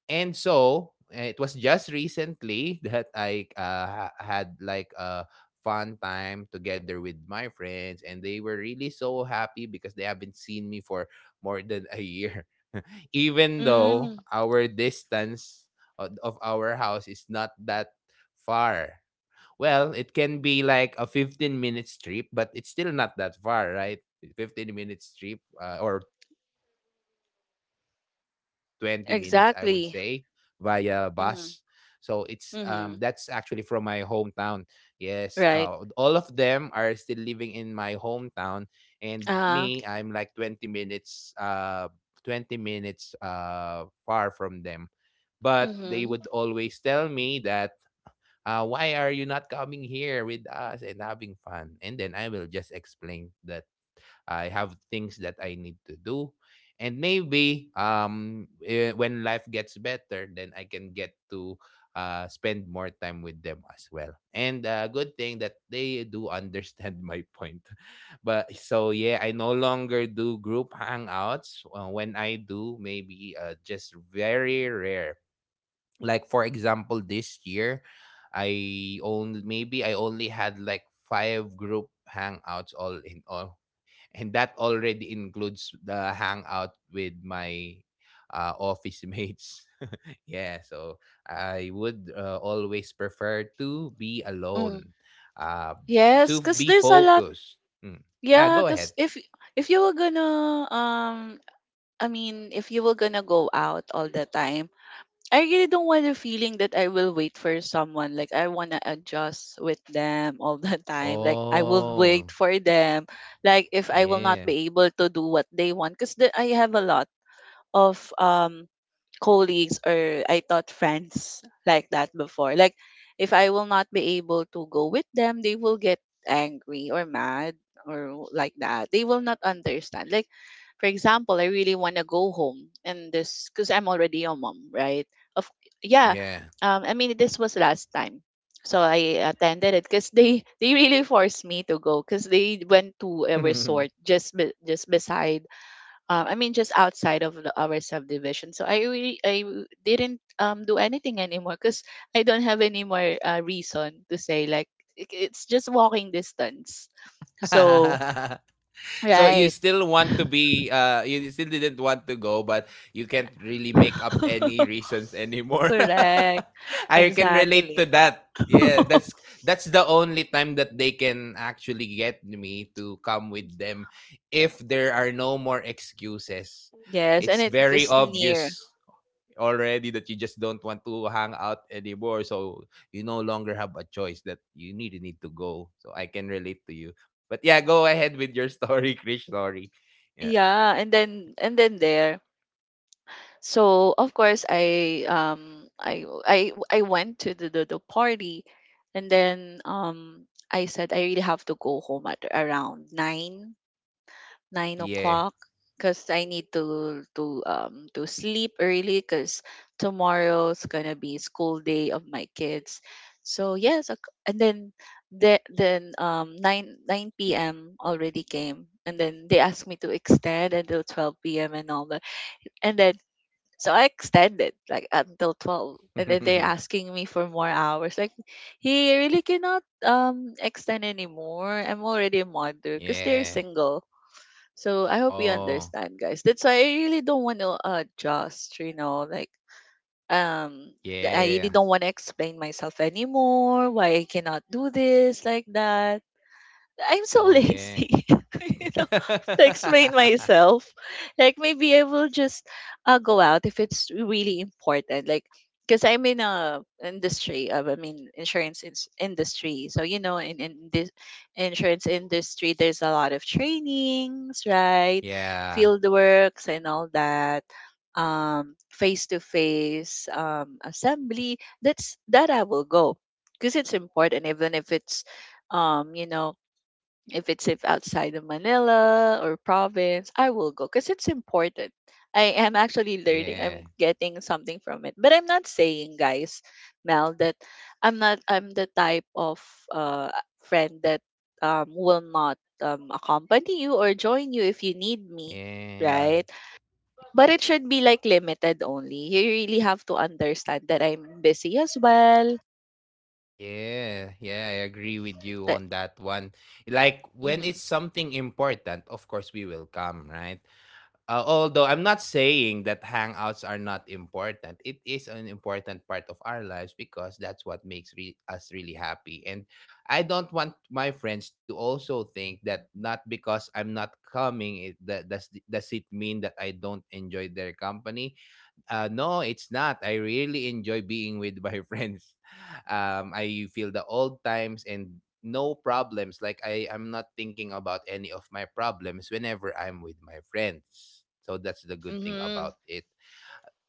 And it was just recently that I had like a fun time together with my friends, and they were really so happy because they haven't seen me for more than a year, even though
Mm,
our distance of our house is not that far. Well, it can be like a 15 minutes trip, but it's still not that far, right? 15 minutes trip or 20 minutes, I would say, via bus.
exactly.
So it's that's
Mm-hmm.
actually from my
Mm-hmm.
hometown. Yes, all of them are
Right.
still living in my hometown, and me, I'm like
Uh,
20 minutes far from them. But they would
mm-hmm.
always tell me that, why are you not coming here with us and having fun? And then I will just explain that I have things that I need to do. And maybe when life gets better, then I can get to spend more time with them as well. And good thing that they do understand my point. But so yeah, I no longer do group hangouts. When I do, maybe just very rare, like for example this year, I only had like 5 group hangouts all in all, and that already includes the hangout with my office mates. Yeah, so I would always prefer to be
Mm.
alone, uh
Yes, because
be
there's a lot.
focused. Mm. Ah,
Yeah,
go
because
ahead.
if you were gonna I mean, if you were gonna go out all the time, I really don't want the feeling that I will wait for someone. Like I wanna adjust with them all the time. Like I will
Oh
wait for them. Like if I will not
yeah,
be able to do what they want, because I have a lot of colleagues or I thought friends like that before. Like if I will not be able to go with them, they will get angry or mad or like that. They will not understand. Like for example, I really want to go home and this because I'm already a mom, right? Of yeah,
yeah.
I mean this was last time, so I attended it because they really forced me to go because they went to a resort just beside I mean, just outside of our subdivision. So I really, I w- didn't do anything anymore because I don't have any more reason to say like it's just walking distance. So
So you
right,
still want to be you still didn't want to go, but you can't really make up any reasons anymore.
correct,
I can relate to
exactly.
that. Yeah, that's the only time that they can actually get me to come with them, if there are no more excuses.
Yes, and
It's
it
very
was near.
obvious already that you just don't want to hang out anymore. So you no longer have a choice that you need to go. So I can relate to you. But yeah, go ahead with your story, Krish. Sorry. Yeah.
Yeah, and then there. So of course I went to the party and then I said I really have to go home at around nine o'clock
Yeah.
because I need to sleep early because tomorrow's gonna be school day of my kids. So yes, and then then nine p.m. already came and then they asked me to extend until 12 p.m. and all that, and then so I extended like until 12 and then they're asking me for more hours. Like he really cannot extend anymore. I'm already a mother because they're
yeah.
single. So I hope you
Oh.
understand, guys. That's why I really don't want to adjust, you know, like um I really
Yeah.
don't want to explain myself anymore, why I cannot do this like that. I'm so
Oh yeah.
lazy. to explain myself. Like maybe I will just go out if it's really important. Like because I'm in a industry of, I mean, insurance industry. So you know, in this insurance industry there's a lot of trainings, right?
yeah.
Field works and all that. Face to face assembly. That's that I will go because it's important, even if it's um you know if it's if outside of Manila or province, I will go because it's important. I am actually learning. I'm
Yeah.
getting something from it. But I'm not saying, guys, Mel, that I'm not I'm the type of uh friend that will not accompany you or join you if you need me.
Yeah.
Right? But it should be like limited only. You really have to understand that I'm busy as well.
Yeah, yeah, I agree with you
That,
on that one. Like when
mm-hmm,
it's something important, of course we will come, right? Although I'm not saying that hangouts are not important, it is an important part of our lives because that's what makes us really happy. And I don't want my friends to also think that not because I'm not coming, it that does it mean that I don't enjoy their company? No, it's not. I really enjoy being with my friends. I feel the old times and no problems. Like I'm not thinking about any of my problems whenever I'm with my friends. So that's the good thing
mm-hmm,
about it.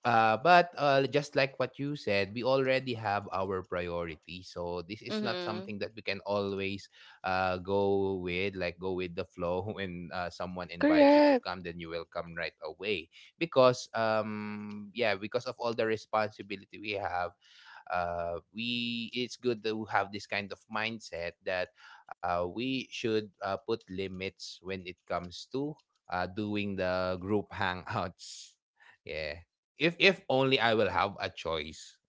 But Just like what you said, we already have our priority. So this is not
mm-hmm.
something that we can always go with, like go with the flow. When someone invites you to
Correct.
come, then you will come right away because yeah, because of all the responsibility we have, we it's good to have this kind of mindset that we should put limits when it comes to doing the group hangouts. Yeah. If only I will have a choice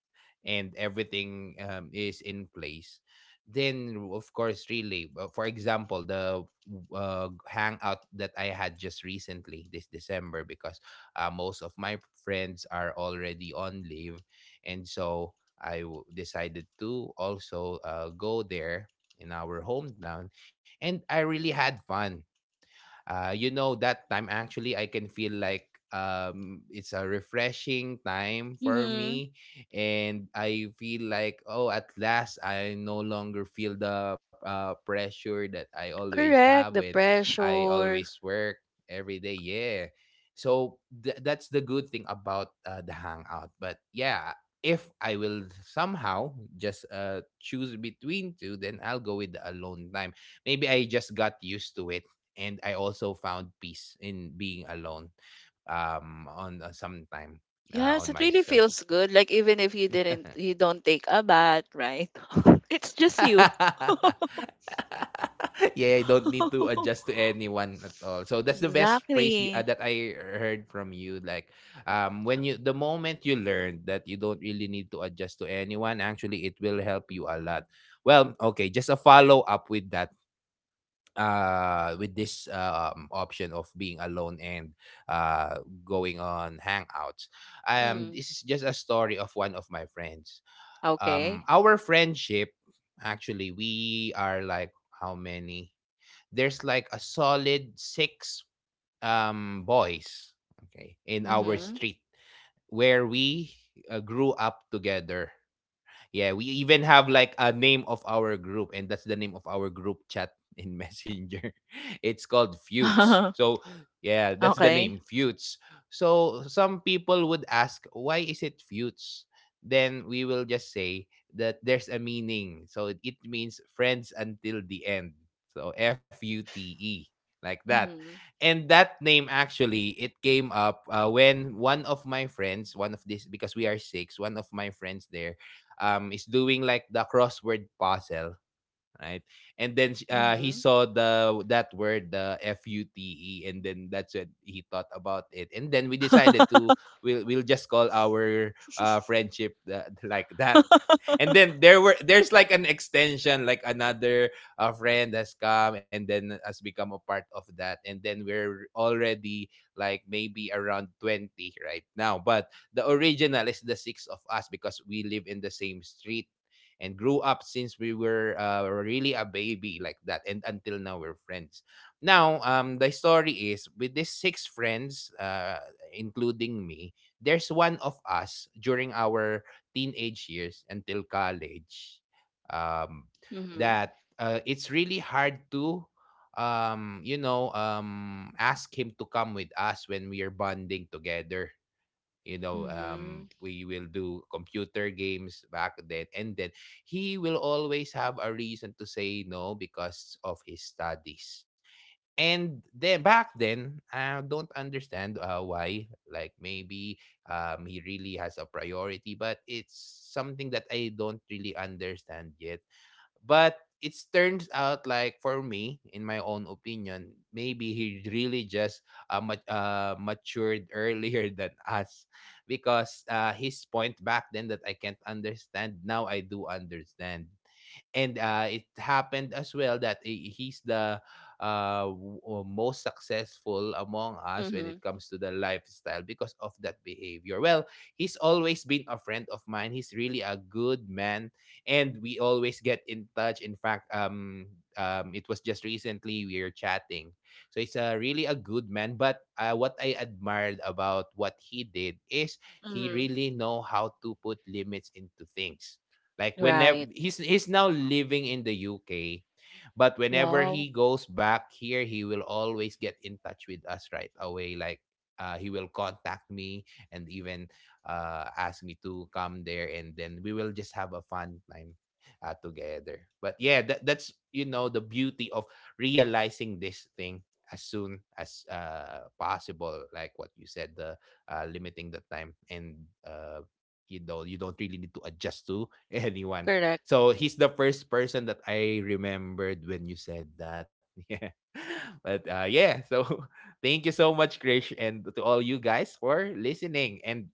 and everything is in place, then of course really, for example, the hangout that I had just recently this December, because most of my friends are already on leave, and so decided to also go there in our hometown. And I really had fun. That time, actually, I can feel like it's a refreshing time for
Mm-hmm.
me, and I feel like, oh, at last I no longer feel the pressure that I always have
Correct, the
when I
pressure.
always work every day. Yeah. So that's the good thing about the hangout. But yeah, if I will somehow just choose between two, then I'll go with the alone time. Maybe I just got used to it, and I also found peace in being alone, on some time on
Yes, it really
myself.
feels good. Like even if you don't take a bath, right? It's just you.
Yeah, I don't need to adjust to anyone at all. So that's the best phrase
Exactly.
that I heard from you. Like, when you, the moment you learn that you don't really need to adjust to anyone, actually, it will help you a lot. Well, okay, just a follow up with that. With this option of being alone and uh going on hangouts.
Mm.
This is just a story of one of my friends.
Okay.
Our friendship, actually we are like, how many? There's like a solid six boys, okay, in our
Mm-hmm.
street, where we grew up together. Yeah, we even have like a name of our group, and that's the name of our group chat in Messenger. It's called Feuds. So, yeah, that's the
Okay.
name, Feuds. So, some people would ask, why is it Feuds? Then we will just say that there's a meaning. So, it means friends until the end. So, FUTE, like that.
Mm-hmm.
And that name actually, it came up when one of my friends, one of this, because we are six, one of my friends there is doing like the crossword puzzle, right? And then he
Mm-hmm.
saw the that word, the f-u-t-e, and then that's when he thought about it, and then we decided to, we'll just call our friendship that, like that. And then there were, there's like an extension, like another friend has come and then has become a part of that, and then we're already like maybe around 20 right now. But the original is the six of us because we live in the same street and grew up since we were really a baby, like that. And until now we're friends. Now the story is, with these six friends, including me, there's one of us during our teenage years until college, um,
Mm-hmm.
that it's really hard to, ask him to come with us when we are bonding together. You know,
Mm-hmm.
we will do computer games back then, and then he will always have a reason to say no because of his studies. And then back then I don't understand why, like maybe he really has a priority, but it's something that I don't really understand yet. But it turns out, like for me in my own opinion, maybe he really just matured earlier than us, because his point back then that I can't understand, now I do understand. And it happened as well that he's the most successful among us when
Mm-hmm.
it comes to the lifestyle because of that behavior. Well, he's always been a friend of mine. He's really a good man, and we always get in touch. In fact, it was just recently we were chatting, so he's a really a good man. But what I admired about what he did is he
Mm-hmm.
really know how to put limits into things. Like whenever
Right.
he's now living in the UK, but whenever
Wow.
he goes back here, he will always get in touch with us right away. Like he will contact me and even ask me to come there, and then we will just have a fun time together. But yeah, that, that's, you know, the beauty of realizing this thing as soon as possible. Like what you said, the limiting the time, and you know, you don't really need to adjust to anyone.
Correct.
So he's the first person that I remembered when you said that. Yeah. But yeah, so thank you so much, Krish, and to all you guys for listening. And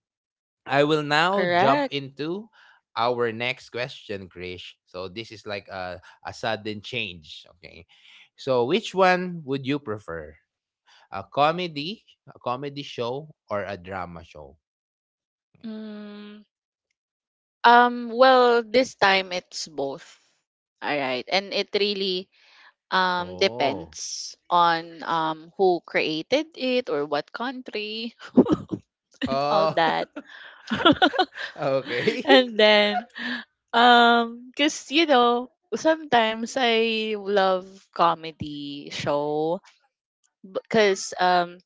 I will now jump
Correct.
into our next question, Krish. So this is like a sudden change, okay? So which one would you prefer, a comedy, a comedy show or a drama show?
Mm. Well, this time it's both. All right. And it really
Oh.
depends on who created it or what country and all
Oh.
that.
Okay.
And then because, you know, sometimes I love comedy show because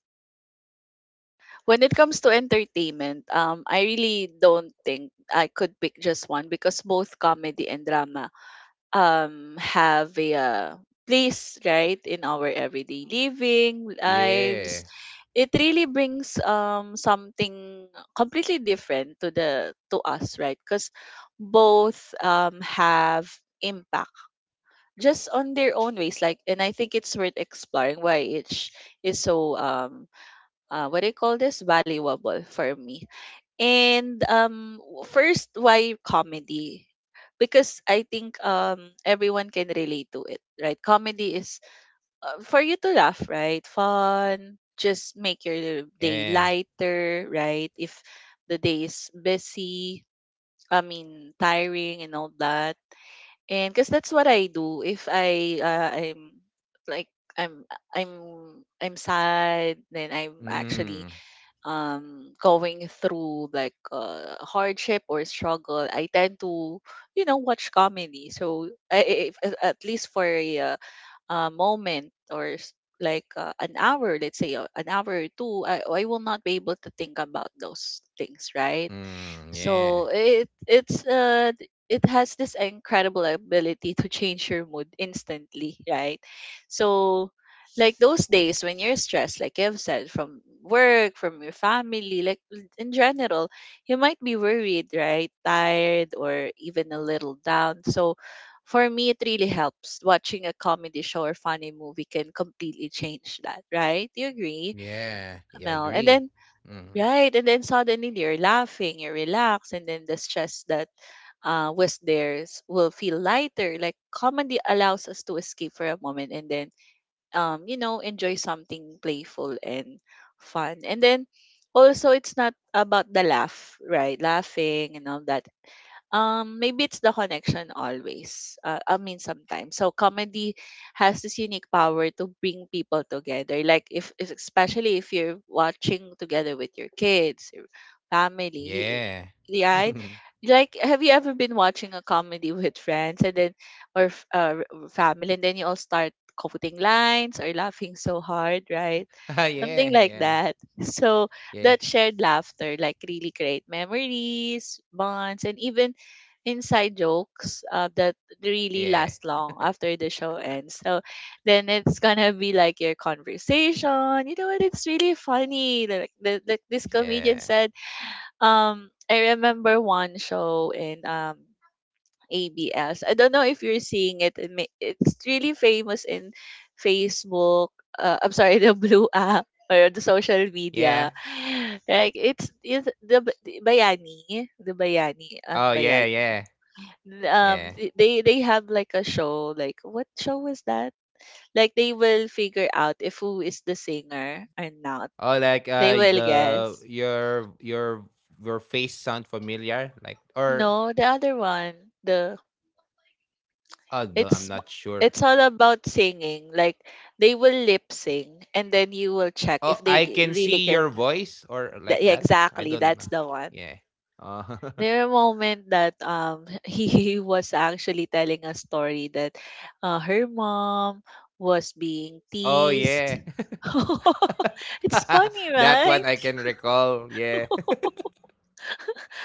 when it comes to entertainment, I really don't think I could pick just one, because both comedy and drama have a place, right, in our everyday living
Yeah.
lives. It really brings something completely different to the to us, right? Because both have impact just on their own ways. Like, and I think it's worth exploring why each is so what do you call this, valuable for me. And first, why comedy? Because I think everyone can relate to it, right? Comedy is for you to laugh, right? Fun, just make your day
Yeah.
lighter, right? If the day is busy, I mean tiring and all that. And cuz that's what I do if I'm like I'm I'm I'm sad, then I'm actually
Mm.
going through like hardship or struggle, I tend to, you know, watch comedy. So if at least for a moment like an hour, let's say an hour or two, I will not be able to think about those things, right?
Mm.
So
Yeah.
it has this incredible ability to change your mood instantly, right? So like those days when you're stressed, like I've said, from work, from your family, like in general, you might be worried, right? Tired or even a little down. So for me, it really helps. Watching a comedy show or funny movie can completely change that, right? You agree,
Yeah. Yeah. I
Mel? And
agree.
then
Mm.
right. And then suddenly you're laughing, you're relaxed, and then the stress that will feel lighter. Like comedy allows us to escape for a moment and then, you know, enjoy something playful and fun. And then also, it's not about the laugh, right? Laughing and all that. Maybe it's the connection always. I mean, sometimes. So comedy has this unique power to bring people together. Like if especially if you're watching together with your kids, your family,
Yeah.
right? Like, have you ever been watching a comedy with friends and then or family, and then you all start quoting lines or laughing so hard, right?
Ah,
Something
yeah.
like
Yeah.
that. So
Yeah.
that shared laughter like really create memories, bonds, and even inside jokes that really
Yeah.
last long after the show ends. So then it's gonna be like your conversation. You know what? It's really funny. Like like this comedian
Yeah.
said, I remember one show in ABS. I don't know if you're seeing it. It may, it's really famous in Facebook. I'm sorry, the blue app or the social media.
Yeah.
Like it's the bayani, ang
Oh yeah.
bayani
Yeah. Yeah.
they have like a show. Like what show was that? Like they will figure out if who is the singer or not.
Oh, like
They will
the
guess.
your face sound familiar? Like or,
No, the other one,
oh no,
it's
I'm
m-
not sure.
it's all about singing. Like they will lip sing and then you will check
Oh,
if
I can
really
see
can.
your voice or like
Yeah,
that. I
exactly,
don't
that's
know.
the one.
Yeah. Oh.
There a moment that he was actually telling a story that her mom was being
Oh, yeah.
teased. It's funny,
That one I
right?
can recall, yeah.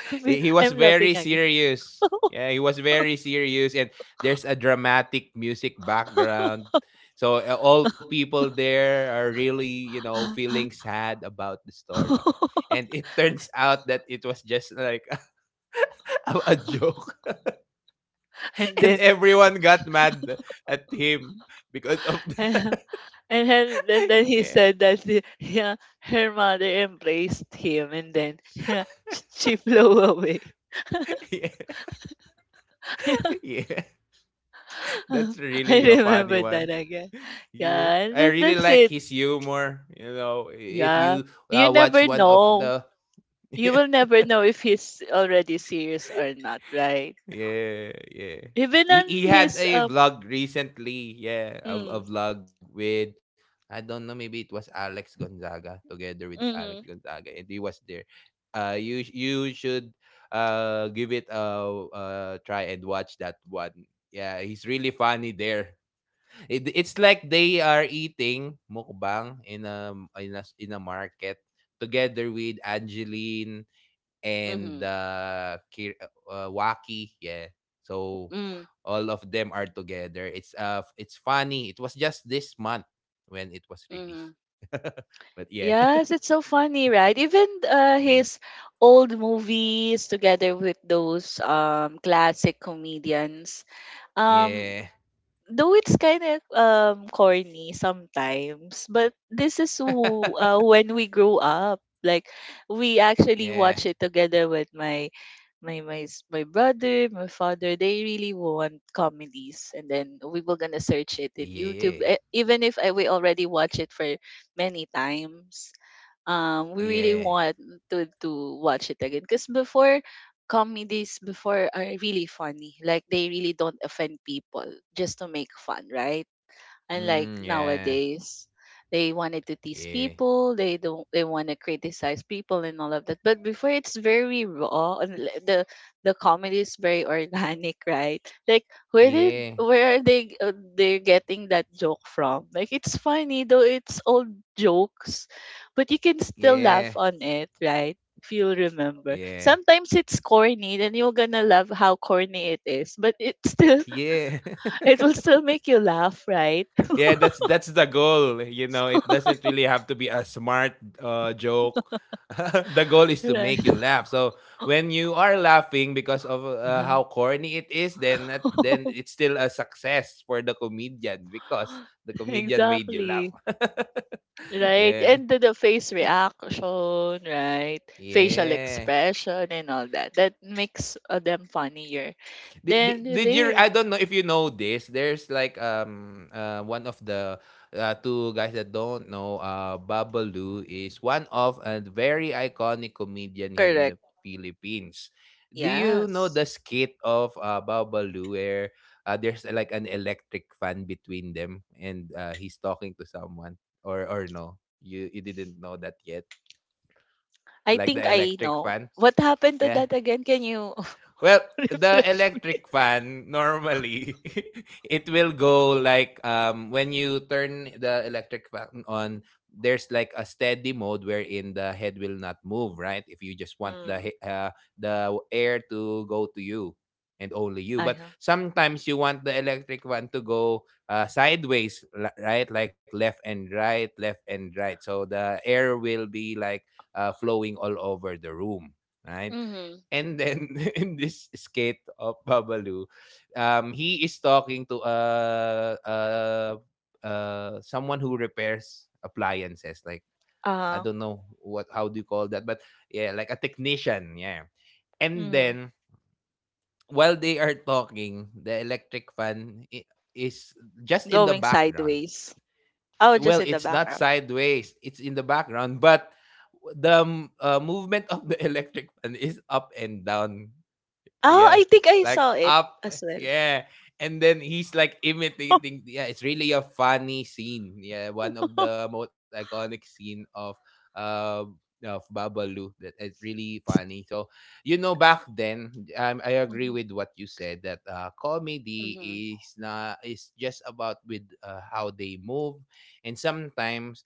He was
I'm laughing
very
again.
serious. Yeah, he was very serious, and there's a dramatic music background. So, all people there are really, you know, feeling sad about the story. And it turns out that it was just like a joke
And
and
then
everyone got mad at him because of the
and then and then he
yeah.
said that yeah, her mother embraced him, and then yeah, she flew away.
Yeah. Yeah. That's
I
really a funny
remember that
one.
again.
Yeah,
Yeah, and
I
then
really
that's
like
it.
his humor. You know, if
Yeah.
you
You
watch
never
one of
know.
the,
You will never know if he's already serious or not, right?
yeah, yeah,
Even on
he had
his
a vlog recently. Yeah, a
mm,
vlog with, I don't know, maybe it was Alex Gonzaga, together with Alex
mm-hmm.
Gonzaga, and he was there. You should give it a try and watch that one. Yeah, he's really funny there. It's like they are eating mukbang in a, in a market, together with Angeline and
Mm-hmm.
Waki. Yeah. So
Mm.
all of them are together. It's funny. It was just this month when it was released.
Mhm.
But yeah.
Yes, it's so funny, right? Even
Mm.
his old movies together with those classic comedians. Um
Yeah.
though it's kind of corny sometimes, but this is who when we grow up. Like we actually
Yeah.
watch it together with my brother, my father. They really want comedies, and then we were gonna search it in YouTube.
Yeah.
Even if we already watch it for many times, we really
Yeah.
want to watch it again, because before comedies before are really funny, like they really don't offend people just to make fun, right? Unlike
Mm, yeah.
nowadays, they wanted to
Yeah.
tease people, they don't they want to criticize people and all of that. But before it's very raw and the comedy is very organic, right? Like
Yeah.
where are they're getting that joke from? Like it's funny, though it's old jokes, but you can still
Yeah.
laugh on it, right? If you'll remember.
Yeah.
Sometimes it's corny, then you're gonna love how corny it is, but it still
Yeah.
it will still make you laugh, right?
Yeah, that's the goal. You know, it doesn't really have to be a smart joke. The goal is to make you laugh. So when you are laughing because of how corny it is, then that, then
Uh-huh.
it's still a success for the comedian, because the comedian made you laugh.
Exactly. Right.
Yeah.
And the face reaction, right? Facial
Yeah.
expression and all that. That makes them funnier. Then
Did you,
there.
I don't know if you know this. There's like one of the two guys that don't know, uh, Babalu is one of a very iconic comedian here in the
Correct.
Philippines. Do you know
Yes.
the skit of Babalu where there's like an electric fan between them, and he's talking to someone or no? You didn't know that yet.
I
Like
think
the
I
electric
know.
fan?
What happened to
Yeah.
that again? Can you
Well, the
refresh me?
electric fan normally it will go like when you turn the electric fan on there's like a steady mode wherein the head will not move, right? If you just want the
Mm,
the air to go to you and only you,
I
but
know.
sometimes you want the electric fan to go sideways, right, like left and right, left and right, so the air will be like flowing all over the room, right?
Mm-hmm.
And then in this skit of Babalu, he is talking to someone who repairs appliances. Like, I
Uh,
don't know what, how do you call that? But yeah, like a technician. Yeah, and
mm,
then while they are talking, the electric is just in the
going
background.
sideways. Oh, just
Well,
in the
it's not
background.
sideways; it's in the background, but the movement of the electric fan is up and down,
Oh, I
yeah,
think I
like
saw it
up,
as well.
yeah, and then he's like imitating, yeah, it's really a funny scene, yeah, one of the most iconic scene uh of Babalu, that it's really funny. So you know, back then, I agree with what you said that comedy
Mhm.
is not is just about with how they move. And sometimes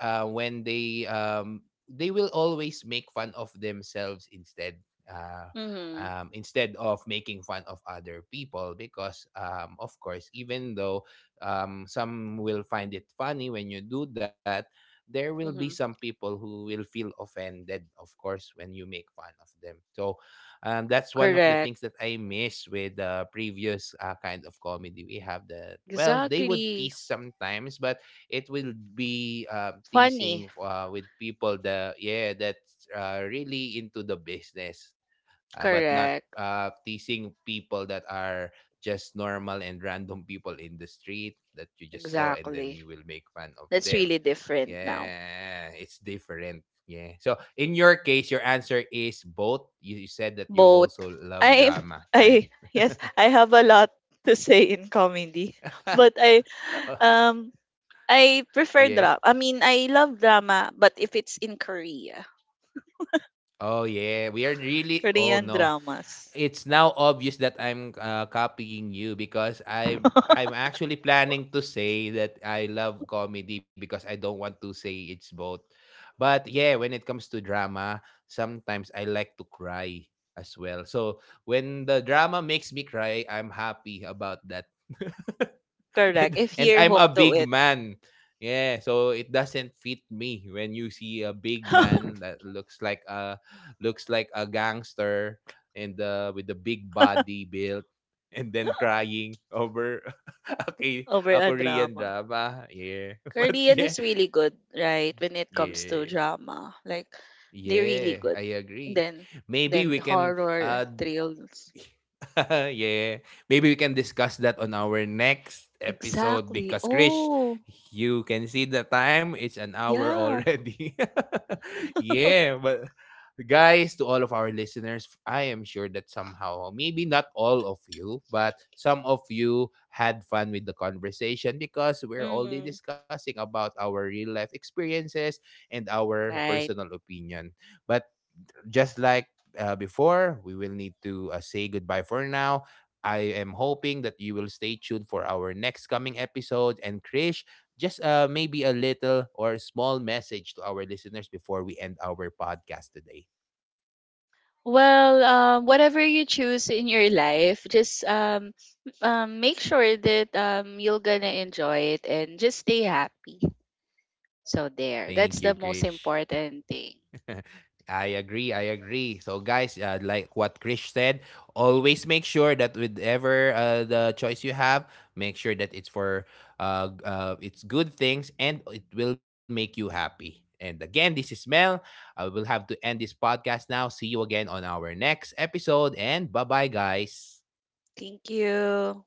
when they will always make fun of themselves instead, uh,
Mhm,
instead of making fun of other people, because of course, even though some will find it funny when you do that, there will be some
mhm.
people who will feel offended, of course, when you make fun of them. So that's one of the
Correct.
things that I miss with the previous kind of comedy we have, that well, they would
Exactly.
tease sometimes, but it will be teasing
Funny.
with people, the, yeah, that's really into the business, but not
Correct.
teasing people that are just normal and random people in the street that you just saw and then you
Exactly.
will make fun of
That's
them.
really different now.
Yeah, it's different. Yeah, so in your case, your answer is both. You said that you
Both.
also love
I
drama, right?
I yes, I have a lot to say in comedy. But
Oh,
um I prefer
yeah.
drama. I mean, I love drama, but if it's in Korea,
Oh yeah, we are really, oh
Korean
no,
dramas.
it's now obvious that I'm copying you, because I'm I'm actually planning to say that I love comedy because I don't want to say it's both. But yeah, when it comes to drama, sometimes I like to cry as well. So when the drama makes me cry, I'm happy about that.
Correct. If
And
you're
I'm a
hooked to
big
it
man. Yeah, so it doesn't fit me when you see a big man that looks like a, looks like a gangster and with a big body built and then crying over okay,
over
a
a
Korean
drama.
drama. Yeah, but
Korean
yeah,
is really good, right? When it comes to
yeah,
drama, like they're really
yeah.
good.
I agree.
Then,
Maybe
then
we can
horror, thrills.
yeah. Maybe we can discuss that on our next episode,
Exactly.
because Krish,
Oh,
you can see the time. It's an hour
yeah.
already. Yeah, but guys, to all of our listeners, I am sure that somehow, maybe not all of you, but some of you had fun with the conversation, because we're only
Mm,
discussing about our real life experiences and our
right.
personal opinion. But just like before, we will need to say goodbye for now. I am hoping that you will stay tuned for our next coming episode. And Krish, just maybe a little or small message to our listeners before we end our podcast today.
Well, whatever you choose in your life, just make sure that you're gonna enjoy it and just stay happy. So there,
Thank
that's
you,
the most
Krish.
important thing.
I agree. I agree. So, guys, like what Krish said, always make sure that whatever the choice you have, make sure that it's for it's good things, and it will make you happy. And again, this is Mel. I will have to end this podcast now. See you again on our next episode. And bye bye, guys.
Thank you.